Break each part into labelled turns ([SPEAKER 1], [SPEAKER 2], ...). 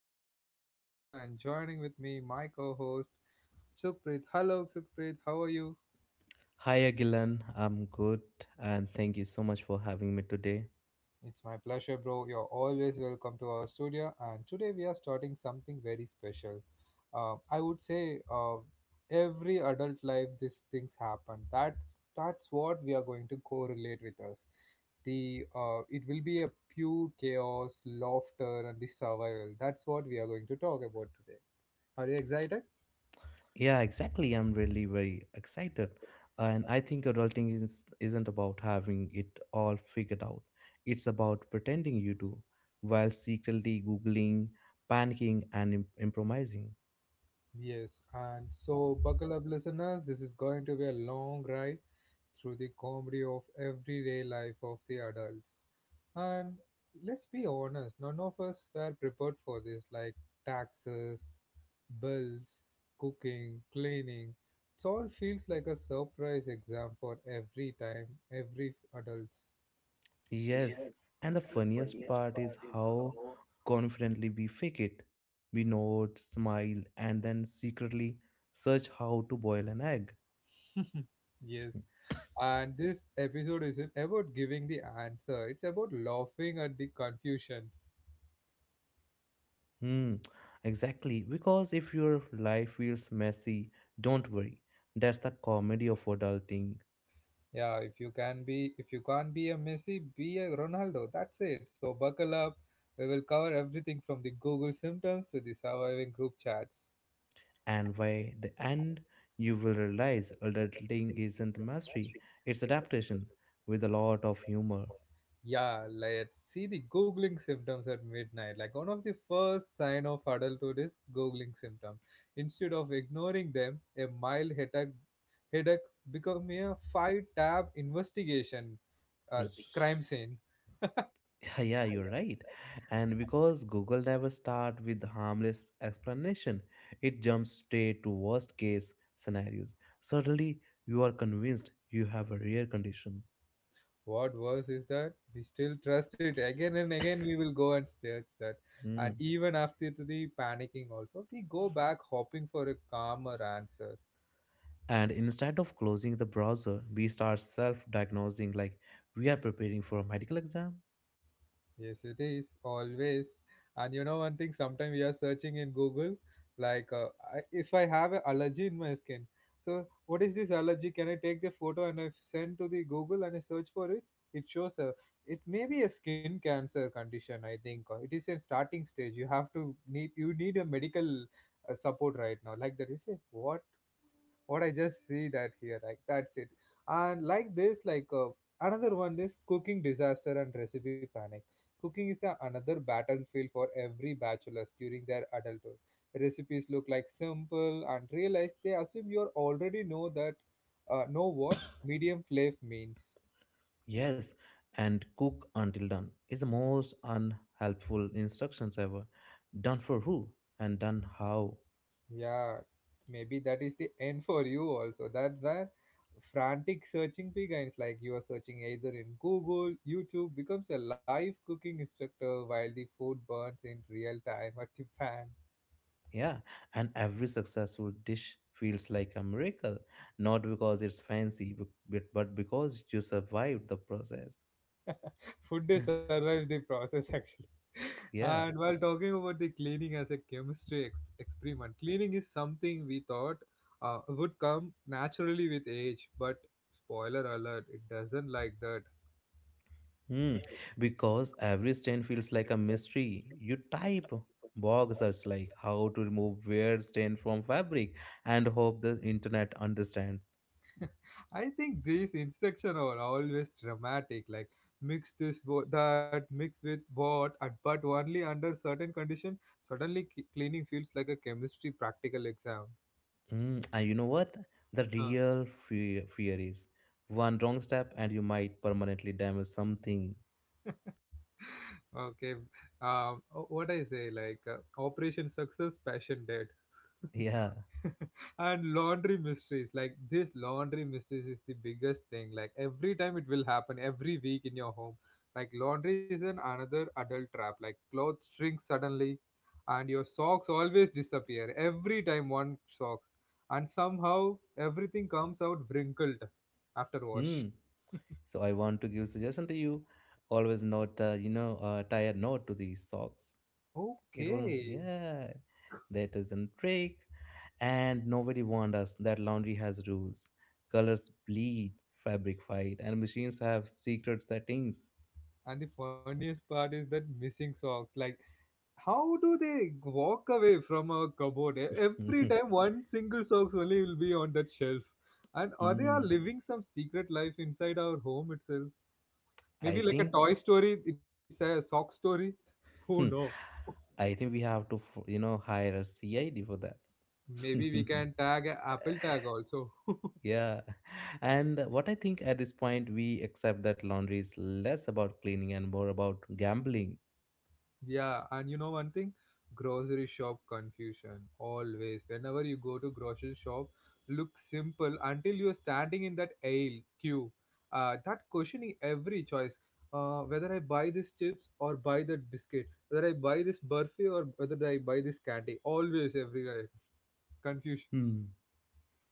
[SPEAKER 1] is your host Agilan and joining with me my co-host Supreet. Hello Supreet, how are you?
[SPEAKER 2] Hi Agilan, I'm good and thank you so much for having me today.
[SPEAKER 1] It's my pleasure, bro. You're always welcome to our studio. And today we are starting something very special. I would say, every adult life, these things happen. That's what we are going to correlate with us. The It will be a pure chaos, laughter, and the survival. That's what we are going to talk about today. Are you excited?
[SPEAKER 2] Yeah, exactly. I'm really very excited. And I think adulting isn't about having it all figured out. It's about pretending you do while secretly googling, panicking and improvising.
[SPEAKER 1] Yes. And so, buckle up, listeners. This is going to be a long ride through the comedy of everyday life of the adults. And let's be honest, none of us were prepared for this, like taxes, bills, cooking, cleaning. It all feels like a surprise exam for every time, every adults.
[SPEAKER 2] Yes, and the funniest part is how confidently we fake it. We nod, smile and then secretly search how to boil an egg.
[SPEAKER 1] Yes. And this episode isn't about giving the answer, it's about laughing at the confusions.
[SPEAKER 2] Hmm, exactly. Because if your life feels messy, don't worry. That's the comedy of adulting.
[SPEAKER 1] Yeah, if you can be, if you can't be a Messi, be a Ronaldo. That's it. So buckle up. We will cover everything from the Google symptoms to the surviving group chats.
[SPEAKER 2] And by the end, you will realize adulting isn't mastery, it's adaptation with a lot of humor.
[SPEAKER 1] Yeah, let's see the Googling symptoms at midnight. Like one of the first sign of adulthood is Googling symptoms. Instead of ignoring them, a mild headache become a five-tab investigation,
[SPEAKER 2] Y-
[SPEAKER 1] crime scene.
[SPEAKER 2] Yeah, you're right. And because Google never start with harmless explanation, it jumps straight to worst case scenarios. Suddenly, you are convinced you have a rare condition.
[SPEAKER 1] What worse is that we still trust it again and again. We will go and search that,
[SPEAKER 2] Hmm.
[SPEAKER 1] and even after the panicking, also we go back hoping for a calmer answer.
[SPEAKER 2] And instead of closing the browser, we start self diagnosing like we are preparing for a medical exam.
[SPEAKER 1] Yes, it is always. And you know one thing, sometimes we are searching in Google, like, if I have an allergy in my skin, so what is this allergy? Can I take the photo and I send to the Google and I search for it? It shows a, it may be a skin cancer condition, I think. Or it is a starting stage. You have to need you need a medical, support right now. Like that, you say what I just see that here, like that's it. And like this, like, another one is cooking disaster and recipe panic. Cooking is a, another battlefield for every bachelors during their adulthood. Recipes look like simple and realize they assume you already know that, know what medium flame means.
[SPEAKER 2] Yes, and cook until done is the most unhelpful instructions ever. Done for who and done how.
[SPEAKER 1] Yeah, maybe that is the end for you also. That's the frantic searching begins. Like you are searching either in Google, YouTube becomes a live cooking instructor while the food burns in real time at the pan.
[SPEAKER 2] Yeah, and every successful dish feels like a miracle, not because it's fancy, but because you survived the process.
[SPEAKER 1] Food is survives the process actually.
[SPEAKER 2] Yeah.
[SPEAKER 1] And while talking about the cleaning as a chemistry experiment, cleaning is something we thought, would come naturally with age, but spoiler alert, it doesn't like that.
[SPEAKER 2] Hmm, because every stain feels like a mystery. You type bog search like how to remove weird stain from fabric and hope the internet understands.
[SPEAKER 1] I think these instructions are always dramatic, like mix that, mix with what, and but only under certain condition. Suddenly, cleaning feels like a chemistry practical exam.
[SPEAKER 2] And you know what? The
[SPEAKER 1] Huh.
[SPEAKER 2] real fear is one wrong step and you might permanently damage something.
[SPEAKER 1] Okay, what I say, like, Operation Success, Passion Dead,
[SPEAKER 2] Yeah.
[SPEAKER 1] and laundry mysteries. Like this laundry mysteries is the biggest thing. Like every time it will happen every week in your home. Like laundry is an another adult trap. Like clothes shrink suddenly, and your socks always disappear every time one socks and somehow everything comes out wrinkled after wash.
[SPEAKER 2] Hmm. So I want to give suggestion to you. Always not, tie a knot to these socks. It will.
[SPEAKER 1] Okay.
[SPEAKER 2] Yeah, that is a trick. And nobody warned us that laundry has rules. Colors bleed, fabric fight, and machines have secret settings.
[SPEAKER 1] And the funniest part is that missing socks, like how do they walk away from our cupboard? Every time one single socks only will be on that shelf, and or they
[SPEAKER 2] Hmm,
[SPEAKER 1] are living some secret life inside our home itself.
[SPEAKER 2] I
[SPEAKER 1] Maybe like a
[SPEAKER 2] think
[SPEAKER 1] toy story, it's a sock story. Who know.
[SPEAKER 2] I think we have to, hire a CID for that.
[SPEAKER 1] Maybe we can tag a apple tag also.
[SPEAKER 2] Yeah. And what I think at this point, we accept that laundry is less about cleaning and more about gambling.
[SPEAKER 1] Yeah, and you know one thing? Grocery shop confusion. Always. Whenever you go to grocery shop, look simple until you're standing in that aisle queue. That questioning every choice. Whether I buy this chips or buy that biscuit, whether I buy this burfi or whether I buy this candy. Always everywhere. Confusion.
[SPEAKER 2] Hmm.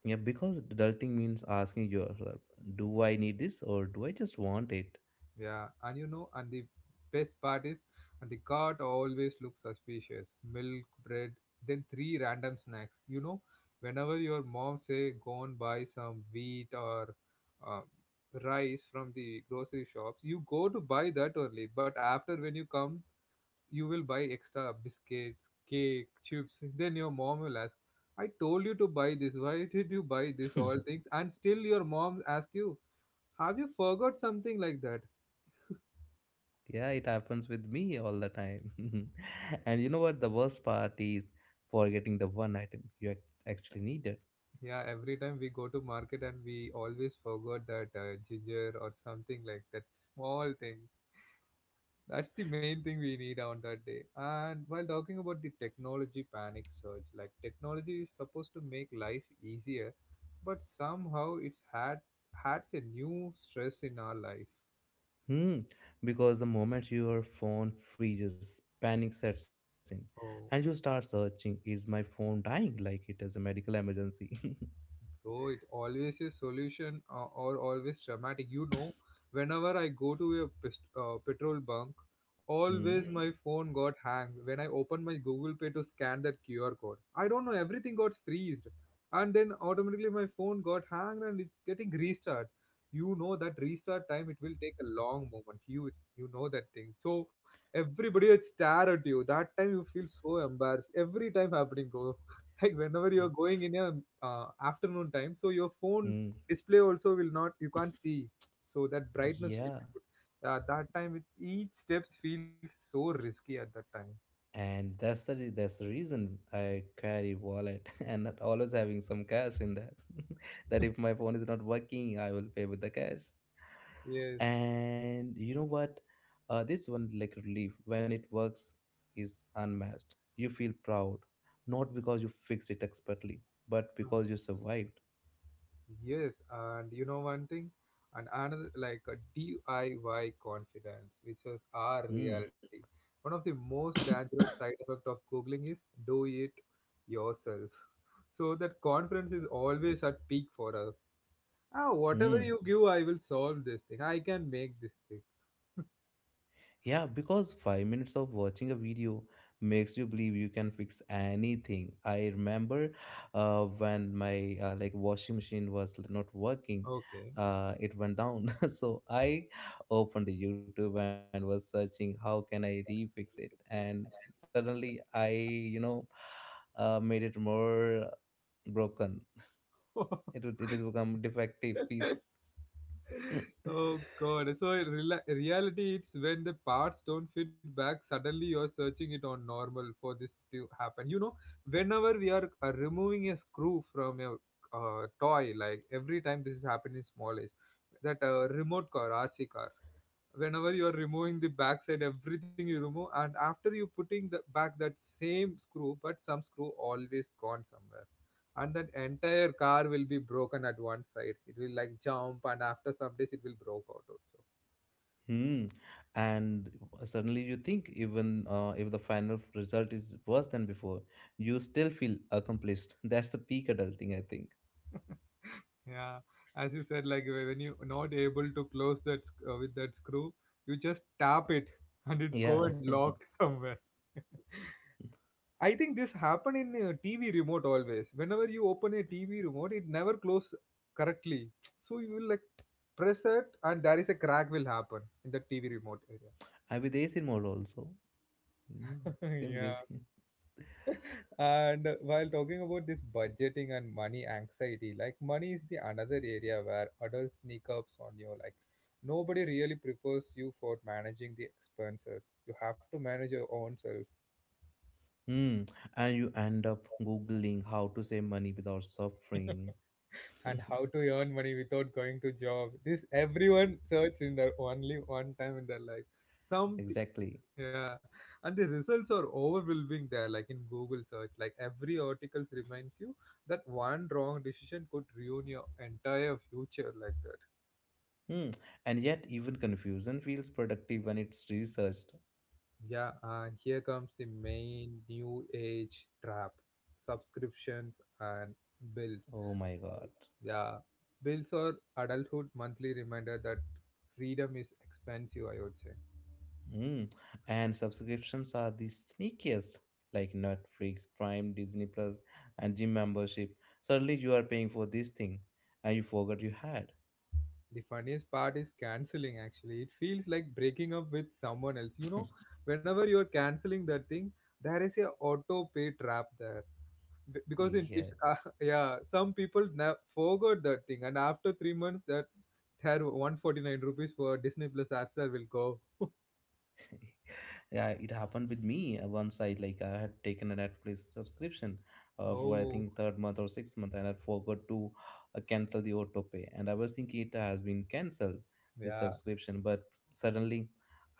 [SPEAKER 2] Yeah, because adulting means asking yourself, do I need this or do I just want it?
[SPEAKER 1] Yeah, and you know, and the best part is, and the cart always looks suspicious. Milk, bread, then three random snacks. You know, whenever your mom say go and buy some wheat or, uh, rice from the grocery shops, you go to buy that only. But after when you come, you will buy extra biscuits, cake, chips. Then your mom will ask, "I told you to buy this. Why did you buy this? All things?" And still your mom ask you, "Have you forgot something like that?"
[SPEAKER 2] Yeah, it happens with me all the time. And you know what? The worst part is forgetting the one item you actually needed.
[SPEAKER 1] Yeah, every time we go to market and we always forgot that, ginger or something like that small thing. That's the main thing we need on that day. And while talking about the technology panic surge, like technology is supposed to make life easier, but somehow it's had adds a new stress in our life.
[SPEAKER 2] Hmm. Because the moment your phone freezes, panic sets in, and you start
[SPEAKER 1] Oh.
[SPEAKER 2] searching, is my phone dying? Like it is a medical emergency.
[SPEAKER 1] Bro, it always is solution, or always dramatic. You know, whenever I go to a petrol bunk,
[SPEAKER 2] Hmm.
[SPEAKER 1] always. Hmm. My phone got hanged when I opened my Google Pay to scan that QR code. I don't know, everything got freezed. And then automatically my phone got hanged and it's getting restart. You know that restart time, it will take a long moment. You it's, you know that thing. So everybody will stare at you. That time you feel so embarrassed. Every time happening, bro. Like whenever you're
[SPEAKER 2] it-
[SPEAKER 1] going in your, afternoon time, so your phone
[SPEAKER 2] Hmm.
[SPEAKER 1] display also will not you can't see, so that brightness,
[SPEAKER 2] Yeah.
[SPEAKER 1] that time it, each steps feels so risky at that time.
[SPEAKER 2] And that's the reason I carry wallet and not always having some cash in that. That if my phone is not working, I will pay with the cash.
[SPEAKER 1] Yes.
[SPEAKER 2] And you know what? This one like relief when it works is unmatched. You feel proud, not because you fixed it expertly but
[SPEAKER 1] Uh,
[SPEAKER 2] because you survived.
[SPEAKER 1] yes and you know one thing, and another like a diy confidence which is our
[SPEAKER 2] Hmm.
[SPEAKER 1] reality. One of the most dangerous side effect of googling is do it yourself. So that confidence is always at peak for us. Ah, whatever
[SPEAKER 2] Hmm.
[SPEAKER 1] you give, I will solve this thing. I can make this thing.
[SPEAKER 2] Yeah, because 5 minutes of watching a video makes you believe you can fix anything. I remember when my like washing machine was not working,
[SPEAKER 1] Okay.
[SPEAKER 2] it went down. So I opened the YouTube and was searching how can I refix it, and suddenly I made it more broken. It has become defective piece.
[SPEAKER 1] Oh god. So in rela reality, it's when the parts don't fit back. Suddenly, you're searching it on normal for this to happen. You know, whenever we are, removing a screw from a, toy, like every time this is happening in small age, that, remote car, RC car. Whenever you are removing the backside everything you remove and after you putting the back that same screw, but some screw always gone somewhere, and that entire car will be broken at one side, it will like jump and after some days it will broke out also.
[SPEAKER 2] Hmm. And suddenly you think, even if the final result is worse than before, you still feel accomplished. That's the peak adulting, I think.
[SPEAKER 1] Yeah, as you said, like when you not able to close that with that screw, you just tap it and it go
[SPEAKER 2] Yeah.
[SPEAKER 1] and locked somewhere. I think this happen in, TV remote always. Whenever you open a TV remote, it never close correctly. So you will like press it, and there is a crack will happen in the TV remote area.
[SPEAKER 2] I'm with AC mode also. Hmm, Same with
[SPEAKER 1] Yeah.
[SPEAKER 2] AC.
[SPEAKER 1] And while talking about this budgeting and money anxiety, like money is the another area where adults sneak ups on you. Like nobody really prepares you for managing the expenses. You have to manage your own self.
[SPEAKER 2] Hmm. And you end up Googling how to save money without suffering.
[SPEAKER 1] And how to earn money without going to job, this everyone search in their only one time in their life, some t-
[SPEAKER 2] Exactly.
[SPEAKER 1] yeah. And the results are overwhelming there, like in google search, like every articles reminds you that one wrong decision could ruin your entire future, like that.
[SPEAKER 2] Hmm. And yet, even confusion feels productive when it's researched.
[SPEAKER 1] Yeah, and here comes the main new age trap: subscriptions and bills.
[SPEAKER 2] Oh my God.
[SPEAKER 1] Yeah, bills or adulthood monthly reminder that freedom is expensive, I would say.
[SPEAKER 2] Hmm, And subscriptions are the sneakiest, like Netflix, Prime, Disney Plus, and gym membership. Suddenly you are paying for this thing and you forgot you had.
[SPEAKER 1] The funniest part is canceling actually. It feels like breaking up with someone else. You know, whenever you're canceling that thing, there is a auto pay trap there. Because
[SPEAKER 2] Yeah,
[SPEAKER 1] yeah, some people forgot that thing, and after 3 months, that their 149 rupees for Disney Plus ads will go.
[SPEAKER 2] Yeah, it happened with me once, I had taken a Netflix subscription for I
[SPEAKER 1] Oh,
[SPEAKER 2] think third month or sixth month, and I forgot to cancel the autopay, and I was thinking it has been cancelled the
[SPEAKER 1] yeah,
[SPEAKER 2] subscription, but suddenly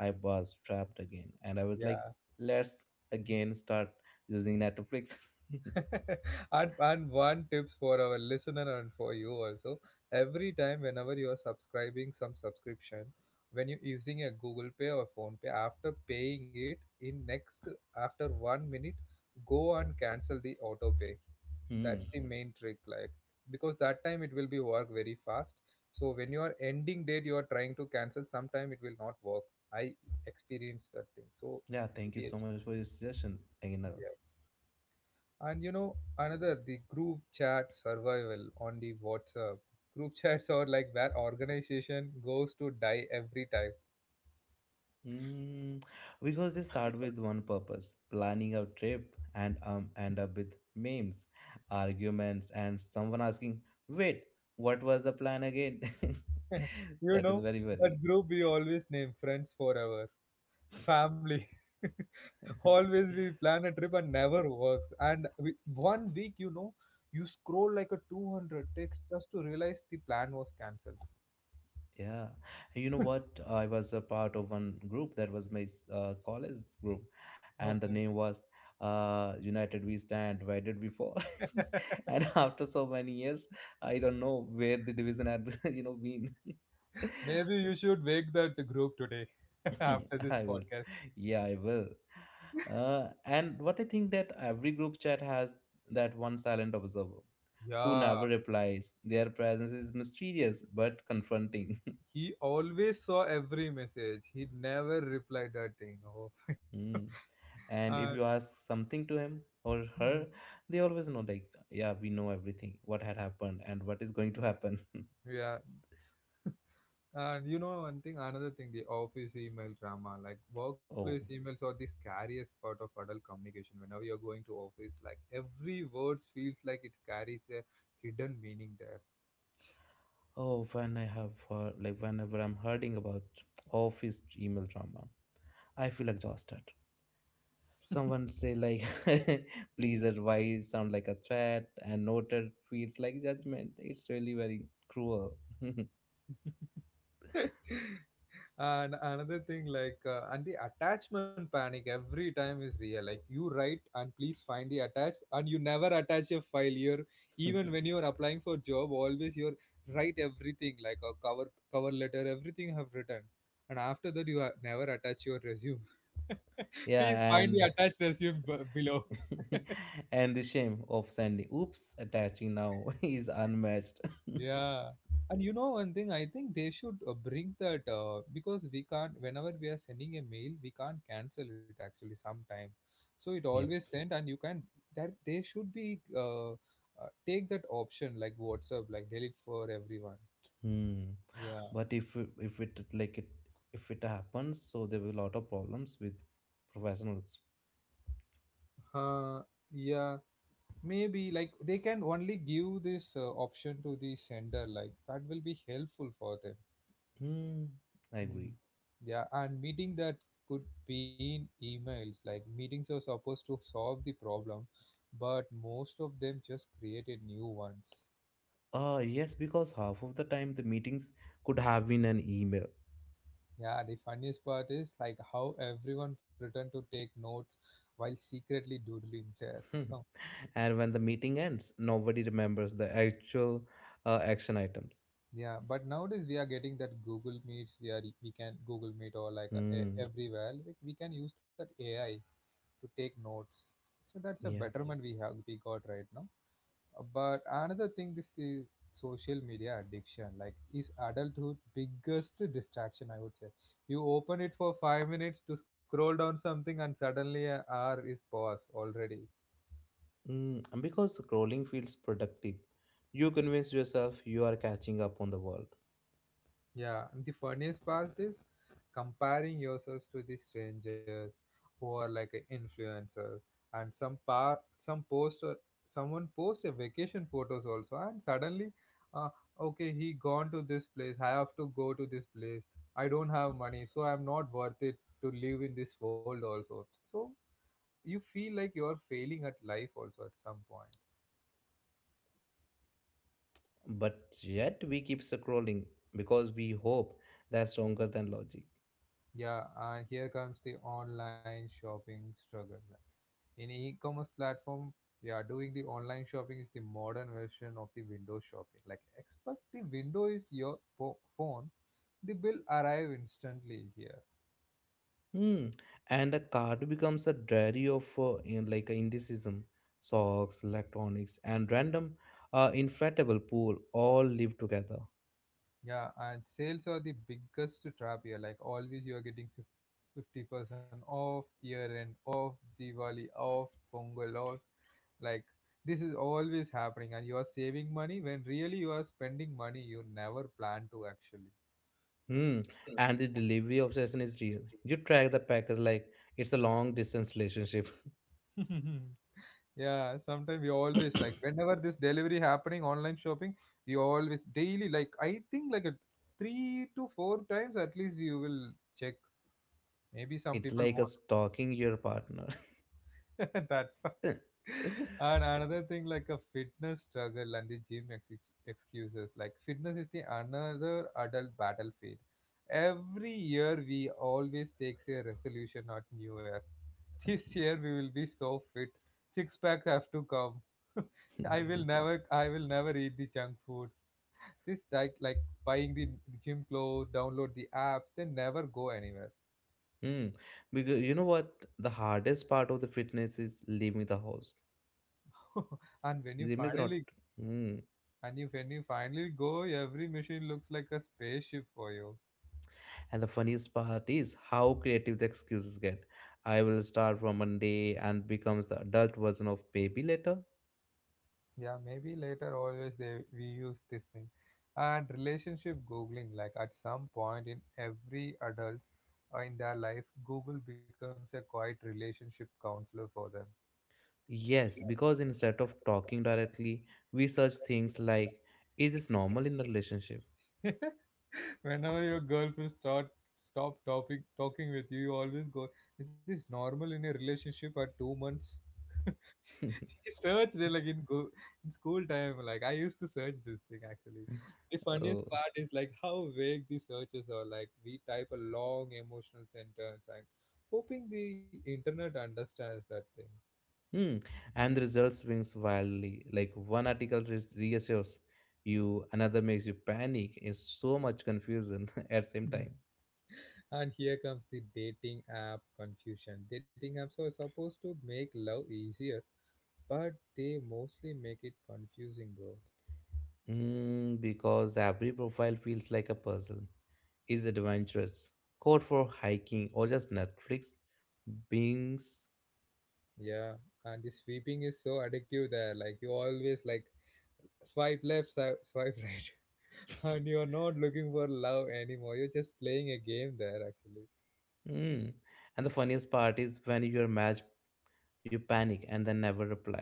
[SPEAKER 2] I was trapped again, and I was like,
[SPEAKER 1] yeah.
[SPEAKER 2] let's again start using Netflix.
[SPEAKER 1] And one tips for our listener and for you also, every time whenever you are subscribing some subscription, when you're using a google pay or phone pay, after paying it in next, after one minute go and cancel the auto pay.
[SPEAKER 2] Hmm.
[SPEAKER 1] That's the main trick, like because that time it will be work very fast. So when you are ending date you are trying to cancel, sometime it will not work. I experienced that thing, so it's
[SPEAKER 2] Yeah, thank you
[SPEAKER 1] maybe a,
[SPEAKER 2] so much for your suggestion again.
[SPEAKER 1] yeah. And you know, another the group chat survival on the WhatsApp. Group chats are like where organization goes to die every time.
[SPEAKER 2] Mm, because they start with one purpose, planning a trip, and end up with memes, arguments, and someone asking, "Wait, what was the plan again?"
[SPEAKER 1] You
[SPEAKER 2] That is
[SPEAKER 1] know,
[SPEAKER 2] very funny.
[SPEAKER 1] that group we always name friends forever, family. Always we plan a trip and never works. And we, one week, you know, you scroll like a 200 text just to realize the plan was cancelled.
[SPEAKER 2] Yeah, and you know what? I was a part of one group that was my college group, and the
[SPEAKER 1] Okay.
[SPEAKER 2] name was United We Stand. Why did we fall? And after so many years, I don't know where the division had, you know, been.
[SPEAKER 1] Maybe you should wake that group today after this
[SPEAKER 2] I will.
[SPEAKER 1] podcast.
[SPEAKER 2] Yeah, I will. And what I think that every group chat has that one silent observer who
[SPEAKER 1] Yeah,
[SPEAKER 2] never replies. Their presence is mysterious but confronting.
[SPEAKER 1] he always saw every message. He never replied that thing. Oh,
[SPEAKER 2] Hmm. And
[SPEAKER 1] and
[SPEAKER 2] if you ask something to him or her, they always know, like, yeah, we know everything, what had happened and what is going to happen.
[SPEAKER 1] yeah. And you know one thing, another thing, The office email drama, like workplace
[SPEAKER 2] Oh,
[SPEAKER 1] emails are the scariest part of adult communication. Whenever you're going to office, like every word feels like it carries a hidden meaning there.
[SPEAKER 2] oh, when I have heard, like, whenever I'm hearing about office email drama, I feel exhausted. Someone say like, please advise sound like a threat and noted feels like judgment. It's really very cruel.
[SPEAKER 1] And another thing, like, and the attachment panic every time is real. Like, you write and please find the attached, and you never attach a file here. Even when you're applying for job, always you're write everything like a cover letter, everything you have written, and after that you never attach your resume. Please
[SPEAKER 2] Yeah,
[SPEAKER 1] find the
[SPEAKER 2] and
[SPEAKER 1] attached resume below.
[SPEAKER 2] and the shame of sending oops attaching now is unmatched.
[SPEAKER 1] Yeah, and you know one thing, I think they should bring that because we can't. Whenever we are sending a mail, we can't cancel it actually sometime. So it
[SPEAKER 2] Yep.
[SPEAKER 1] always sent, and you can that they should be take that option like WhatsApp, like delete for everyone.
[SPEAKER 2] Hmm.
[SPEAKER 1] Yeah,
[SPEAKER 2] But if it happens, so there will be a lot of problems with professionals.
[SPEAKER 1] uh, yeah, maybe like they can only give this option to the sender, like that will be helpful for them.
[SPEAKER 2] Hmm. I
[SPEAKER 1] Mm.
[SPEAKER 2] agree.
[SPEAKER 1] Yeah, and meeting that could be in emails. Like meetings are supposed to solve the problem, but most of them just created new ones.
[SPEAKER 2] Yes, because half of the time the meetings could have been an email.
[SPEAKER 1] Yeah, the funniest part is like how everyone pretend to take notes while secretly doodling there. So
[SPEAKER 2] And when the meeting ends, nobody remembers the actual action items.
[SPEAKER 1] yeah, but nowadays we are getting that Google Meets. We can Google Meet or like
[SPEAKER 2] Hmm.
[SPEAKER 1] everywhere. We can use that AI to take notes. So that's a
[SPEAKER 2] Yeah.
[SPEAKER 1] betterment we have we got right now. But another thing is the social media addiction. Like, is adulthood biggest distraction? I would say. You open it for 5 minutes to scroll down something, and suddenly an hour is past already.
[SPEAKER 2] And because scrolling feels productive, you convince yourself you are catching up on the world.
[SPEAKER 1] Yeah, and the funniest part is comparing yourselves to the strangers who are like an influencer and some post someone post a vacation photos also, and suddenly uh, okay, he gone to this place, I have to go to this place. I don't have money, so I'm not worth it to live in this world also, so you feel like you're failing at life also at some point.
[SPEAKER 2] But yet we keep scrolling because we hope that's stronger than logic.
[SPEAKER 1] Yeah, and here comes the online shopping struggle. Like in e-commerce platform, yeah, doing the online shopping is the modern version of the window shopping. Like expect the window is your phone, the bill arrive instantly here.
[SPEAKER 2] Hmm. And a card becomes a diary of in like a indecision, socks, electronics, and random inflatable pool all live together.
[SPEAKER 1] Yeah, and sales are the biggest trap here. Like always, you are getting 50% off year end, off Diwali, off Pongal, off. Like this is always happening, and you are saving money when really you are spending money you never plan to actually.
[SPEAKER 2] Hmm. And the delivery obsession is real. You track the package like it's a long distance relationship.
[SPEAKER 1] Yeah, sometimes we always like whenever this delivery happening online shopping, we always daily like I think like a 3 to 4 times at least you will check. Maybe some
[SPEAKER 2] It's
[SPEAKER 1] people
[SPEAKER 2] like a
[SPEAKER 1] more.
[SPEAKER 2] stalking your partner.
[SPEAKER 1] That's why. And another thing like a fitness struggle and the gym excuses. Like fitness is the another adult battlefield. Every year we always takes a resolution at New Year. This year we will be so fit. Six pack have to come. I will never eat the junk food. This like buying the gym clothes, download the apps, they never go anywhere.
[SPEAKER 2] Hmm. Because you know what? The hardest part of the fitness is leaving the house.
[SPEAKER 1] and when you
[SPEAKER 2] Gym is not.
[SPEAKER 1] finally
[SPEAKER 2] Hmm.
[SPEAKER 1] and you when you finally go, every machine looks like a spaceship for you.
[SPEAKER 2] And the funniest part is how creative the excuses get. I will start from Monday and becomes the adult version of baby later.
[SPEAKER 1] Yeah, maybe later always they we use this thing. And relationship googling, like at some point in every adult's in their life, Google becomes a quiet relationship counselor for them.
[SPEAKER 2] Yes, because instead of talking directly, we search things like, is this normal in a relationship?
[SPEAKER 1] Whenever your girlfriend start stop talking with you, you always go, "Is this normal in a relationship at 2 months?" Search it like in school time, like I used to search this thing actually. The funniest
[SPEAKER 2] Oh.
[SPEAKER 1] part is like how vague the searches are, like we type a long emotional sentence and hoping the internet understands that thing.
[SPEAKER 2] Hmm, And the result swings wildly. Like one article reassures you, another makes you panic. It's so much confusion at same time.
[SPEAKER 1] Mhm. And here comes the dating app confusion. Dating apps are supposed to make love easier, but they mostly make it confusing, bro.
[SPEAKER 2] Because every profile feels like a puzzle. Is adventurous code for hiking, or just Netflix beings.
[SPEAKER 1] Yeah, and the sweeping is so addictive there. Like you always like swipe left, swipe right, and you're not looking for love anymore, you're just playing a game there actually.
[SPEAKER 2] Hmm, And the funniest part is when you are matched, you panic and then never reply.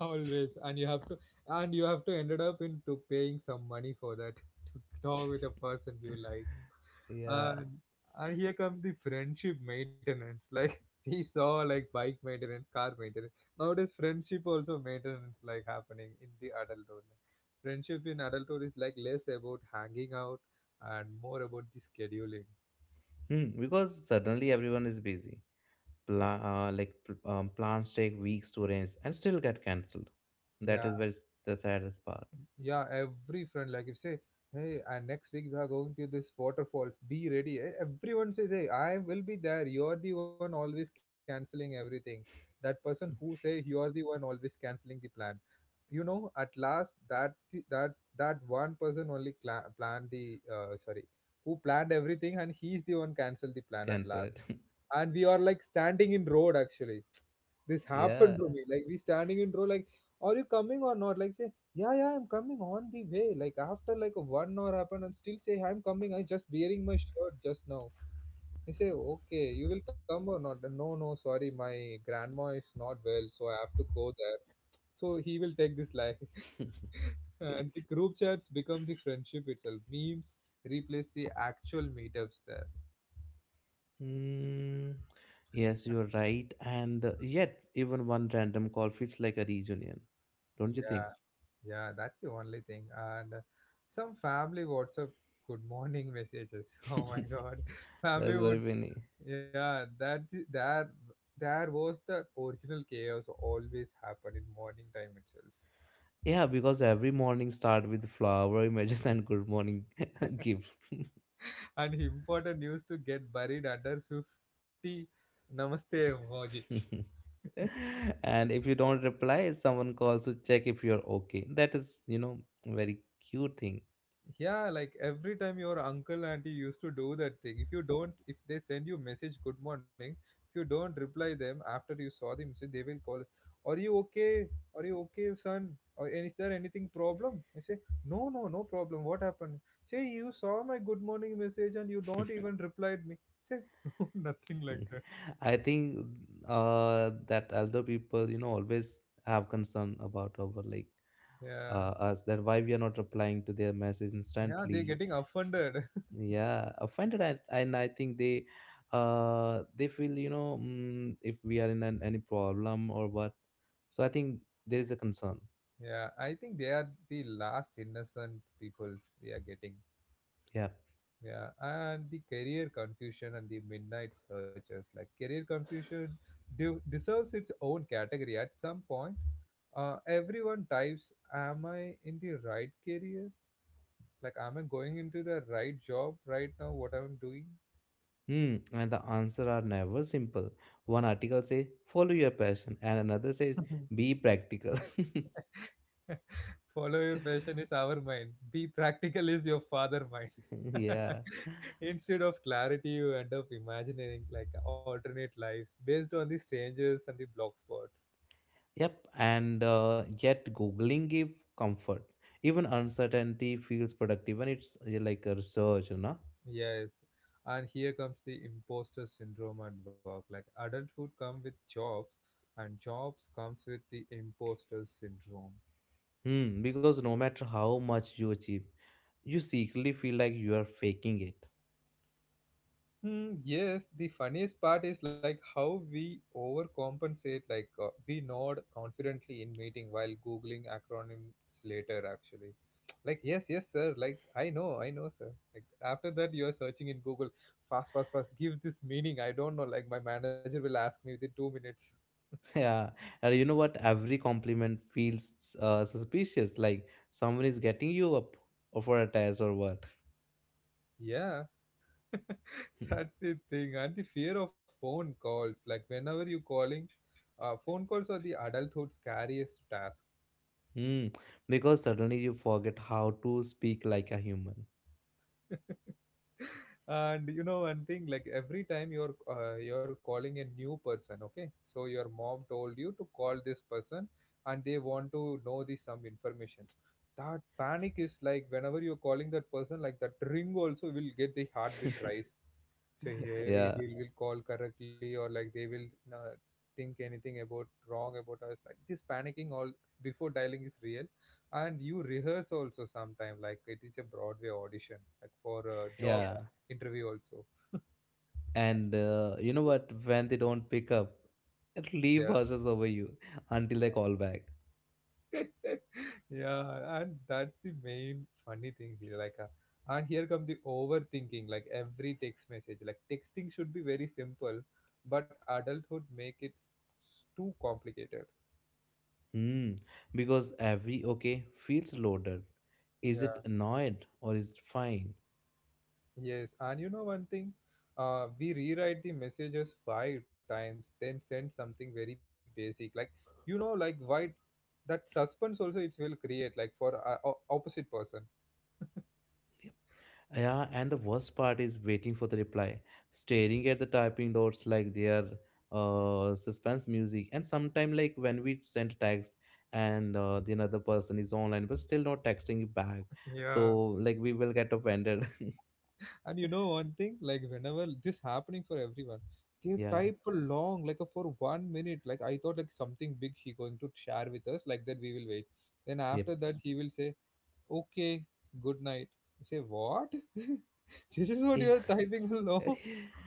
[SPEAKER 1] Always and you have to And you have to ended up into paying some money for that to talk with a person you like.
[SPEAKER 2] Yeah.
[SPEAKER 1] And and here comes the friendship maintenance, like we saw like bike maintenance, car maintenance. Nowadays friendship also maintenance like happening in the adulthood. Friendship in adulthood is like less about hanging out and more about the scheduling.
[SPEAKER 2] Because suddenly everyone is busy. Plans take weeks to arrange and still get cancelled. That
[SPEAKER 1] Yeah,
[SPEAKER 2] is where is the saddest part.
[SPEAKER 1] yeah, every friend, like you say, hey, and next week we are going to this waterfalls. Be ready. Eh, everyone says, hey, I will be there. You're the one always canceling everything. That person who say you're the one always canceling the plan. You know, at last, that that one person only cla planned the sorry, who planned everything, and he's the one cancelled the plan at
[SPEAKER 2] Cancel
[SPEAKER 1] last.
[SPEAKER 2] it.
[SPEAKER 1] And we are like standing in road actually. This
[SPEAKER 2] Yeah.
[SPEAKER 1] happened to me. Like we standing in row, like, are you coming or not? Like say, yeah, yeah, I'm coming on the way. Like after like a 1 hour happened and still say I'm coming. I just wearing my shirt just now. He say, okay, you will come or not? No, no, sorry, my grandma is not well, so I have to go there. So he will take this lie. And the group chats become the friendship itself. Memes replace the actual meetups there.
[SPEAKER 2] Mm, yes, you're right. And yet, even one random call feels like a reunion. Don't you think?
[SPEAKER 1] Yeah. Yeah, that's the only thing. And some family WhatsApp good morning messages. Oh my
[SPEAKER 2] That's
[SPEAKER 1] God, family yeah
[SPEAKER 2] very
[SPEAKER 1] would
[SPEAKER 2] funny.
[SPEAKER 1] yeah that that there was the original chaos always happen in morning time itself,
[SPEAKER 2] Yeah, because every morning start with flower images and good morning gifts.
[SPEAKER 1] and important news to get buried under 50 namaste emojis.
[SPEAKER 2] And if you don't reply, someone calls to check if you're okay. That is very cute thing.
[SPEAKER 1] Yeah, like every time your uncle auntie used to do that thing. If you don't, if they send you message good morning, if you don't reply them after you saw the message, they will call us. Are you okay? Are you okay, son? Or is there anything problem? I say no, no, no problem. What happened? Say you saw my good morning message and you don't even replied me. Say no, nothing like that.
[SPEAKER 2] I think that elder people, always have concern about our like
[SPEAKER 1] Yeah,
[SPEAKER 2] us, that why we are not replying to their message
[SPEAKER 1] yeah, they're
[SPEAKER 2] instantly.
[SPEAKER 1] getting
[SPEAKER 2] If,
[SPEAKER 1] offended.
[SPEAKER 2] yeah, offended, I think they feel if we are in any problem or what. So I think there is a concern.
[SPEAKER 1] Yeah, I think they are the last innocent peoples we are getting.
[SPEAKER 2] Yeah.
[SPEAKER 1] Yeah, and the career confusion and the midnight searches. Like career confusion deserves its own category at some point. Everyone types, "Am I in the right career? Like, am I going into the right job right now? What I'm doing?
[SPEAKER 2] Hmm. And the answer are never simple. One article says follow your passion, and another says be practical.
[SPEAKER 1] Follow your passion is our mind. Be practical is your father mind."
[SPEAKER 2] Yeah.
[SPEAKER 1] Instead of clarity, you end up imagining like alternate lives based on the strangers and the blog spots.
[SPEAKER 2] Yep, and yet Googling give comfort. Even uncertainty feels productive when it's like a research, you know?
[SPEAKER 1] Yes, and here comes the imposter syndrome at work. Like adulthood comes with jobs, and jobs comes with the imposter syndrome.
[SPEAKER 2] Because no matter how much you achieve, you secretly feel like you are faking it.
[SPEAKER 1] Hmm, yes, the funniest part is like how we overcompensate. Like we nod confidently in meeting while googling acronyms later. Actually, like yes, yes, sir. Like I know, sir. Like after that, you are searching in Google. Fast, fast, fast. Give this meaning. I don't know. Like my manager will ask me within 2 minutes.
[SPEAKER 2] Yeah, and you know what? Every compliment feels suspicious, like someone is getting you up for a test or what.
[SPEAKER 1] Yeah, that's the thing, and the fear of phone calls. Like whenever you're calling, phone calls are the adulthood's scariest task.
[SPEAKER 2] Hmm, because suddenly you forget how to speak like a human.
[SPEAKER 1] And you know, one thing like every time you're calling a new person, okay? So your mom told you to call this person, and they want to know the some information. That panic is like whenever you're calling that person, like that ring also will get the heartbeat rise. So he
[SPEAKER 2] Yeah,
[SPEAKER 1] he will call correctly, or like they will uh, think anything about wrong about us, like this panicking all before dialing is real. And you rehearse also sometime like it is a broadway audition, like for a job,
[SPEAKER 2] yeah.
[SPEAKER 1] yeah, interview also.
[SPEAKER 2] And you know what? When they don't pick up, it leave
[SPEAKER 1] Yeah.
[SPEAKER 2] hushes over you until they call back.
[SPEAKER 1] Yeah, and that's the main funny thing here, like and here come the overthinking, like every text message, like texting should be very simple, but adulthood make it too complicated.
[SPEAKER 2] Hmm. Because every okay feels loaded. Is it
[SPEAKER 1] Yeah.
[SPEAKER 2] annoyed or is it fine?
[SPEAKER 1] Yes, and you know one thing? We rewrite the messages 5 times, then send something very basic. Like, you know, like why that suspense also it will create, like for opposite person.
[SPEAKER 2] Yeah, and the worst part is waiting for the reply, staring at the typing dots like they are suspense music. And sometime like when we send text and the another person is online but still not texting you back, so
[SPEAKER 1] Yeah.
[SPEAKER 2] like we will get offended.
[SPEAKER 1] And you know one thing, like whenever this happening for everyone, they
[SPEAKER 2] Yeah.
[SPEAKER 1] type a long, like a for 1 minute. Like I thought, like something big he going to share with us, like that we will wait. Then
[SPEAKER 2] Yep.
[SPEAKER 1] after that he will say, okay, good night. I say what? This is what you are typing
[SPEAKER 2] Yeah,
[SPEAKER 1] along.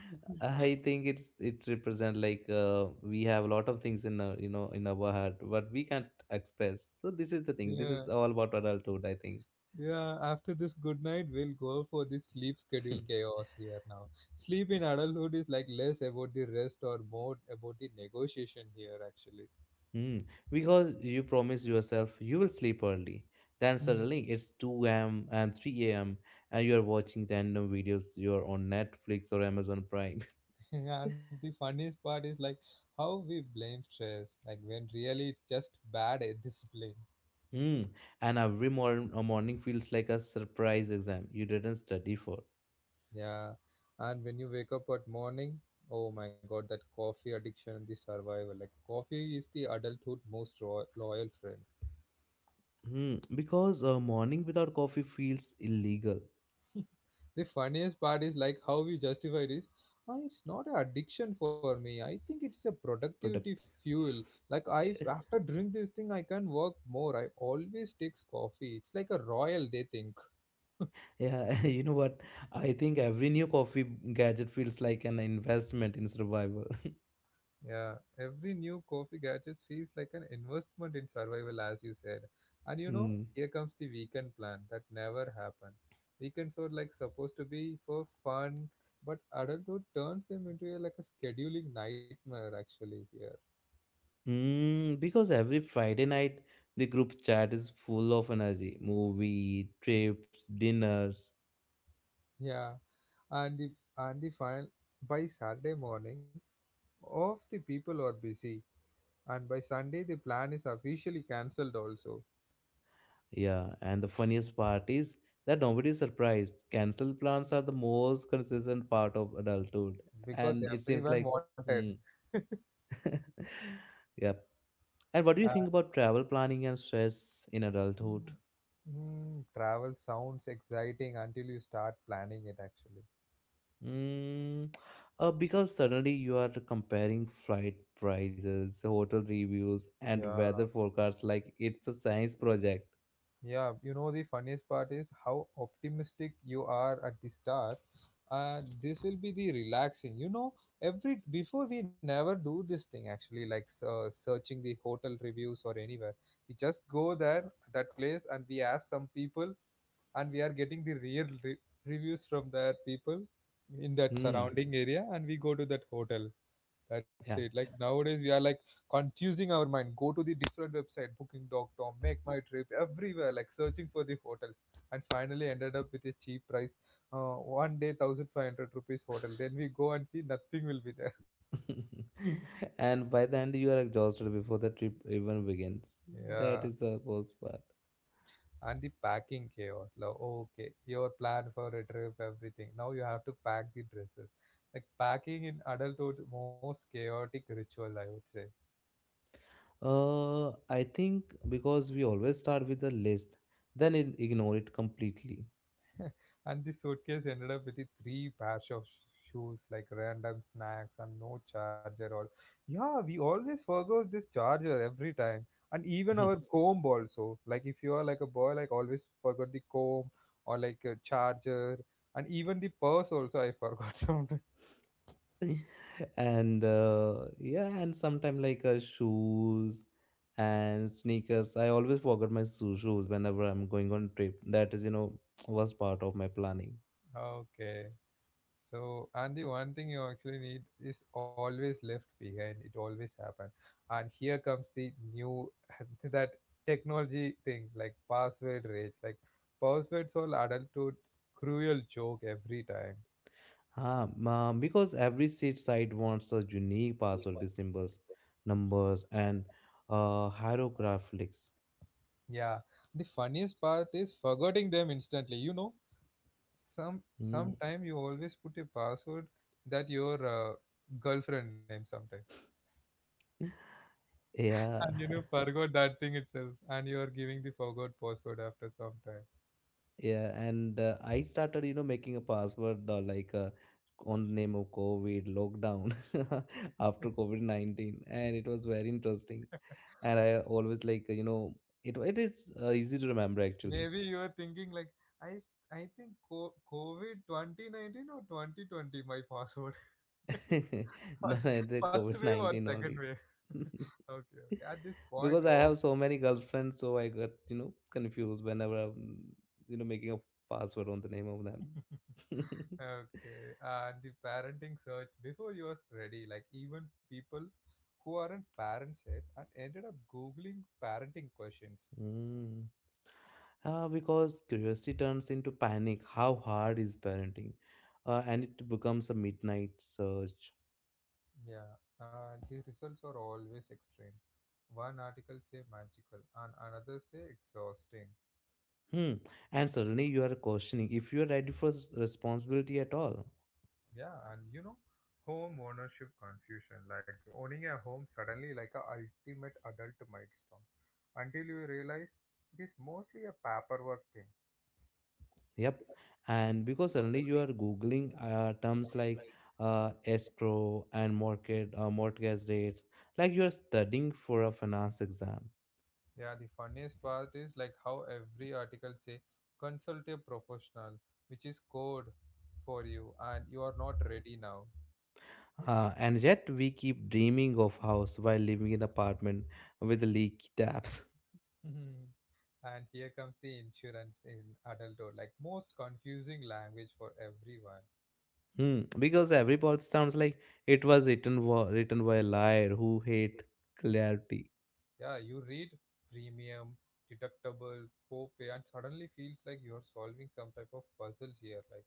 [SPEAKER 2] I think it represent like we have a lot of things in our you know in our heart, but we can't express, so this is the thing. This is
[SPEAKER 1] Yeah.
[SPEAKER 2] all about adulthood, I think.
[SPEAKER 1] Yeah, after this good night, we'll go for the sleep schedule chaos here now. Sleep in adulthood is like less about the rest or more about the negotiation here, actually.
[SPEAKER 2] Hmm. Because you promise yourself you will sleep early. Then
[SPEAKER 1] Hmm.
[SPEAKER 2] suddenly it's 2 a.m. and 3 a.m. and you are watching random videos. You're on Netflix or Amazon Prime.
[SPEAKER 1] And the funniest part is like how we blame stress, like when really it's just bad at discipline.
[SPEAKER 2] Hmm. And every morning feels like a surprise exam you didn't study for.
[SPEAKER 1] Yeah. And when you wake up at morning, oh my god, that coffee addiction and the survival. Like coffee is the adulthood most loyal friend.
[SPEAKER 2] Hmm, because a morning without coffee feels illegal.
[SPEAKER 1] The funniest part is like how we justify this. "Ah, it's not an addiction for me. I think it's a productivity
[SPEAKER 2] Product.
[SPEAKER 1] fuel. Like I after drink this thing, I can work more. I always takes coffee. It's like a royal. They think."
[SPEAKER 2] Yeah, you know what? I think every new coffee gadget feels like an investment in survival.
[SPEAKER 1] Yeah, every new coffee gadget feels like an investment in survival, as you said. And
[SPEAKER 2] Hmm.
[SPEAKER 1] here comes the weekend plan that never happened. Weekends are like supposed to be for fun, but adulthood turns them into a, like a scheduling nightmare. Actually, here.
[SPEAKER 2] Mm, because every Friday night, the group chat is full of energy. Movie, trips, dinners.
[SPEAKER 1] Yeah. and the and the final by Saturday morning, off the people are busy, and by Sunday the plan is officially cancelled also
[SPEAKER 2] Yeah, and the funniest part is that nobody is surprised. Cancelled plans are the most consistent part of adulthood.
[SPEAKER 1] because
[SPEAKER 2] And it seems
[SPEAKER 1] everyone
[SPEAKER 2] like,
[SPEAKER 1] wanted.
[SPEAKER 2] hmm. Yep. And
[SPEAKER 1] Uh,
[SPEAKER 2] what do you think about travel planning and stress in adulthood?
[SPEAKER 1] Travel sounds exciting until you start planning it. Actually,
[SPEAKER 2] Mm, because suddenly you are comparing flight prices, hotel reviews, and
[SPEAKER 1] yeah.
[SPEAKER 2] weather forecasts like it's a science project.
[SPEAKER 1] Yeah, you know the funniest part is how optimistic you are at the start, and this will be the relaxing. Every before we never do this thing actually, like searching the hotel reviews or anywhere. We just go there that place and we ask some people, and we are getting the real reviews from their people in that
[SPEAKER 2] Hmm.
[SPEAKER 1] surrounding area, and we go to that hotel. That's
[SPEAKER 2] Yeah.
[SPEAKER 1] it. Like nowadays, we are like confusing our mind. Go to the different website, booking.com, make my trip, everywhere, like searching for the hotels, and finally ended up with a cheap price, uh, one day 1,500 rupees hotel. Then we go and see nothing will be there.
[SPEAKER 2] And by the end, you are exhausted before the trip even begins. That
[SPEAKER 1] Yeah,
[SPEAKER 2] is the worst part.
[SPEAKER 1] and the packing chaos. Like, okay, your plan for a trip, everything. Now you have to pack the dresses. Like packing in adulthood, most chaotic ritual, I would say.
[SPEAKER 2] I think because we always start with a list, then ignore it completely.
[SPEAKER 1] And this suitcase ended up with the three pairs of shoes, like random snacks and no charger or yeah, we always forgot this charger every time. And even our comb also. Like if you are like a boy, like always forgot the comb or like a charger and even the purse also I forgot something.
[SPEAKER 2] And yeah, and sometime like shoes and sneakers, I always forget my shoes whenever I'm going on trip. That is, was part of my planning.
[SPEAKER 1] Okay. So, and the one thing you actually need is always left behind. It always happen. And here comes the new that technology thing like password rage. Like passwords all adulthood cruel joke every time.
[SPEAKER 2] Because every seat site wants a unique password with symbols, numbers, and hieroglyphics.
[SPEAKER 1] Yeah. The funniest part is forgetting them instantly. You know, some
[SPEAKER 2] Hmm.
[SPEAKER 1] sometime you always put a password that your girlfriend name sometime. And
[SPEAKER 2] Yeah.
[SPEAKER 1] forgot that thing itself, and you are giving the forgot password after some time.
[SPEAKER 2] Yeah, and I started, making a password, on the name of COVID lockdown, after COVID-19, and it was very interesting. And I always, it is easy to remember actually.
[SPEAKER 1] Maybe you are thinking like I think COVID 2019 or 2020 my password.
[SPEAKER 2] No,
[SPEAKER 1] first
[SPEAKER 2] no, the
[SPEAKER 1] first wave or
[SPEAKER 2] COVID-19
[SPEAKER 1] second
[SPEAKER 2] only.
[SPEAKER 1] wave. Okay, okay. At this point
[SPEAKER 2] Because I
[SPEAKER 1] of
[SPEAKER 2] have so many girlfriends, so I got, confused whenever I'm, making a password on the name of them.
[SPEAKER 1] okay, and the parenting search before you was ready, like even people who aren't parents yet and ended up googling parenting questions.
[SPEAKER 2] Mm. Because curiosity turns into panic. How hard is parenting? And it becomes a midnight search.
[SPEAKER 1] Yeah, the results are always extreme. One article say magical and another say exhausting.
[SPEAKER 2] Hmm. And suddenly you are questioning if you are ready for responsibility at all.
[SPEAKER 1] Yeah, and home ownership confusion. Like owning a home suddenly like a ultimate adult milestone. Until you realize it is mostly a paperwork thing.
[SPEAKER 2] Yep. And because suddenly you are googling terms like escrow and market mortgage rates, like you are studying for a finance exam.
[SPEAKER 1] Yeah, the funniest part is like how every article say consult a professional, which is code for you, and you are not ready now.
[SPEAKER 2] And yet we keep dreaming of house while living in apartment with leaky taps.
[SPEAKER 1] And here comes the insurance in adulthood, like most confusing language for everyone.
[SPEAKER 2] Hmm, because every part sounds like it was written by a liar who hate clarity.
[SPEAKER 1] Yeah, you read premium, deductible, copay, and suddenly feels like you're solving some type of puzzle here. Like,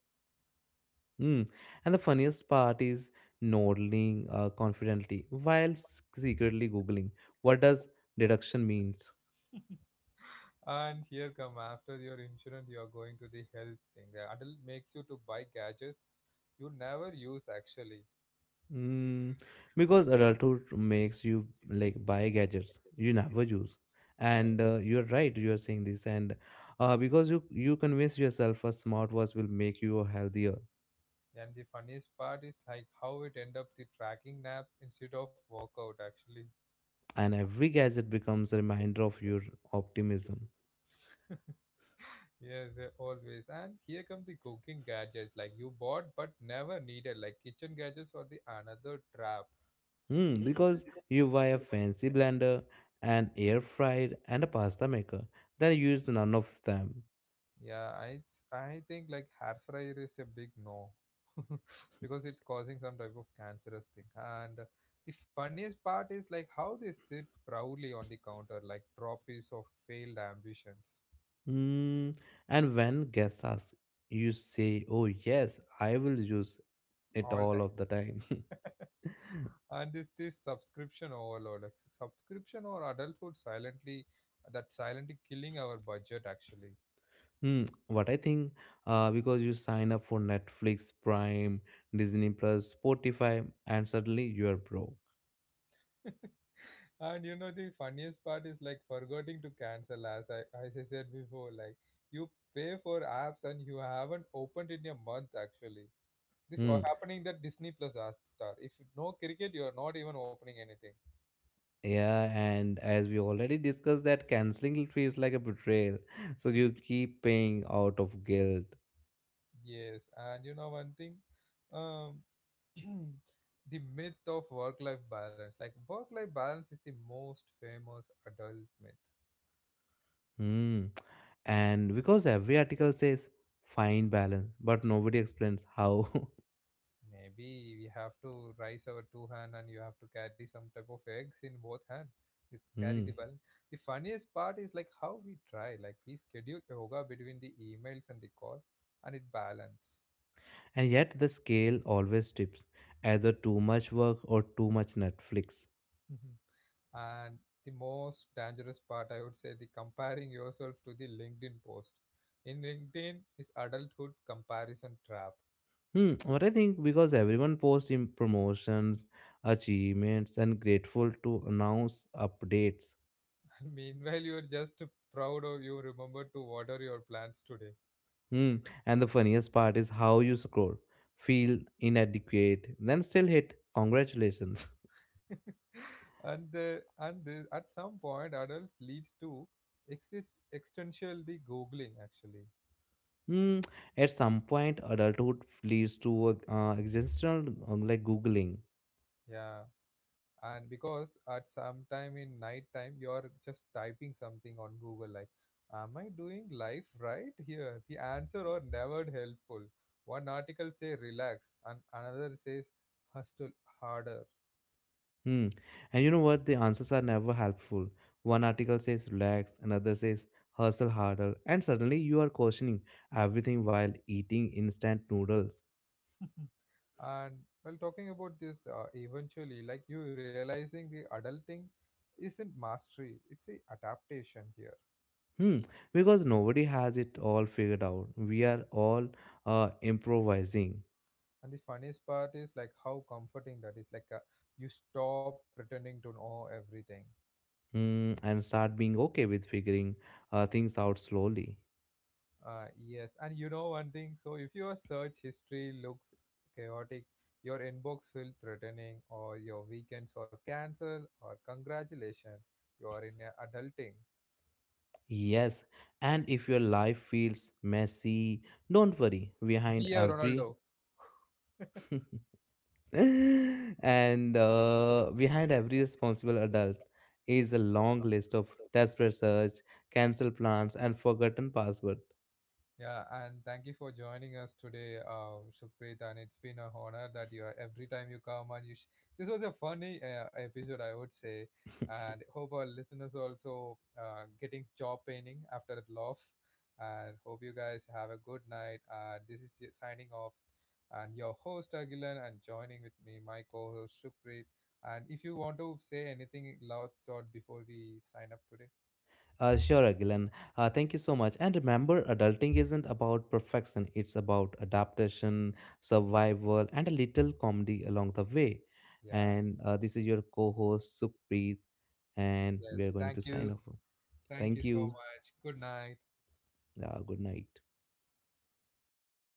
[SPEAKER 2] Hmm. And the funniest part is nodding confidently while secretly googling what does deduction means.
[SPEAKER 1] and here come after your insurance, you're going to the health thing. The adult makes you to buy gadgets you never use actually.
[SPEAKER 2] Hmm. Because adulthood makes you like buy gadgets you never use,
[SPEAKER 1] Yeah.
[SPEAKER 2] and you are right. You are saying this, and because you convince yourself a smartwatch will make you healthier.
[SPEAKER 1] And the funniest part is like how it end up the tracking naps instead of workout actually.
[SPEAKER 2] And every gadget becomes a reminder of your optimism.
[SPEAKER 1] Yes, always. And here come the cooking gadgets like you bought but never needed, like kitchen gadgets or the another trap.
[SPEAKER 2] Hmm, because you buy a fancy blender, an air fried, and a pasta maker, then you use none of them.
[SPEAKER 1] Yeah, I think like hair fryer is a big no because it's causing some type of cancerous thing. And the funniest part is like how they sit proudly on the counter like trophies of failed ambitions
[SPEAKER 2] Hmm, and when guests ask, you say, "Oh yes, I will use it
[SPEAKER 1] all
[SPEAKER 2] all
[SPEAKER 1] time.
[SPEAKER 2] of the time."
[SPEAKER 1] And it's this subscription overload, like subscription or adulthood silently that silently killing our budget actually.
[SPEAKER 2] Hmm, what I think, because you sign up for Netflix, Prime, Disney Plus, Spotify, and suddenly you are broke.
[SPEAKER 1] And you know the funniest part is like forgetting to cancel as I said before, like you pay for apps and you haven't opened it in a month actually. This
[SPEAKER 2] Hmm.
[SPEAKER 1] or happening that Disney Plus Hotstar. Star. If no cricket, you're not even opening anything.
[SPEAKER 2] Yeah, and as we already discussed, that canceling feels like a betrayal, so you keep paying out of guilt.
[SPEAKER 1] Yes, and you know one thing, um, the myth of work-life balance. Like work-life balance is the most famous adult myth.
[SPEAKER 2] Hmm. And because every article says fine balance, but nobody explains how.
[SPEAKER 1] Maybe we have to raise our two hand and you have to carry some type of eggs in both hand. You carry the
[SPEAKER 2] Hmm.
[SPEAKER 1] balance. The funniest part is like how we try. Like we schedule yoga between the emails and the call, and it balance.
[SPEAKER 2] And yet the scale always tips either too much work or too much Netflix.
[SPEAKER 1] Mhm. and the, most dangerous part, I would say, the comparing yourself to the LinkedIn post. In LinkedIn is adulthood comparison trap.
[SPEAKER 2] Hmm, what I think because everyone posts in promotions, achievements, and grateful to announce updates.
[SPEAKER 1] And meanwhile, you're just proud of you remember to water your plants today.
[SPEAKER 2] Hmm. And the funniest part is how you scroll, feel inadequate, then still hit congratulations.
[SPEAKER 1] And the, at some point adults leads to exist existential the googling actually.
[SPEAKER 2] Mm, at some point, adulthood leads to a, existential like googling.
[SPEAKER 1] Yeah. And because at some time in night time you're just typing something on google like am I doing life right here the answer are never helpful. One article say relax and another says hustle harder.
[SPEAKER 2] Hmm. And you know what? The answers are never helpful. One article says relax, another says hustle harder, and suddenly you are questioning everything while eating instant noodles.
[SPEAKER 1] And while talking about this eventually like you realizing the adulting isn't mastery it's a adaptation here.
[SPEAKER 2] Hmm. Because nobody has it all figured out. We are all improvising.
[SPEAKER 1] And the funniest part is like how comforting that is. Like you stop pretending to know everything.
[SPEAKER 2] Hmm. And start being okay with figuring things out slowly.
[SPEAKER 1] Yes, and you know one thing. So if your search history looks chaotic, your inbox feels threatening, or your weekends are cancelled, or congratulations, you are in a adulting.
[SPEAKER 2] Yes, and if your life feels messy, don't worry. Behind
[SPEAKER 1] Be a
[SPEAKER 2] every
[SPEAKER 1] Ronaldo.
[SPEAKER 2] and behind every responsible adult is a long list of desperate search, cancel plans, and forgotten passwords.
[SPEAKER 1] Yeah, and thank you for joining us today, Shukrit. And it's been an honor that you are every time you come and you. This was a funny episode, I would say, and hope our listeners also getting jaw paining after that laugh. And hope you guys have a good night. This is signing off, and your host Agilan, and joining with me my co-host Shukrit. And if you want to say anything last thought before we sign up today,
[SPEAKER 2] Sure, Agilan. Thank you so much. And remember, adulting isn't about perfection, it's about adaptation, survival, and a little comedy along the way.
[SPEAKER 1] yeah,
[SPEAKER 2] And this is your co host, Sukhpreet, and we
[SPEAKER 1] yes,
[SPEAKER 2] are going to sign off.
[SPEAKER 1] thank you
[SPEAKER 2] Thank
[SPEAKER 1] so
[SPEAKER 2] you.
[SPEAKER 1] much. Good night.
[SPEAKER 2] Good night.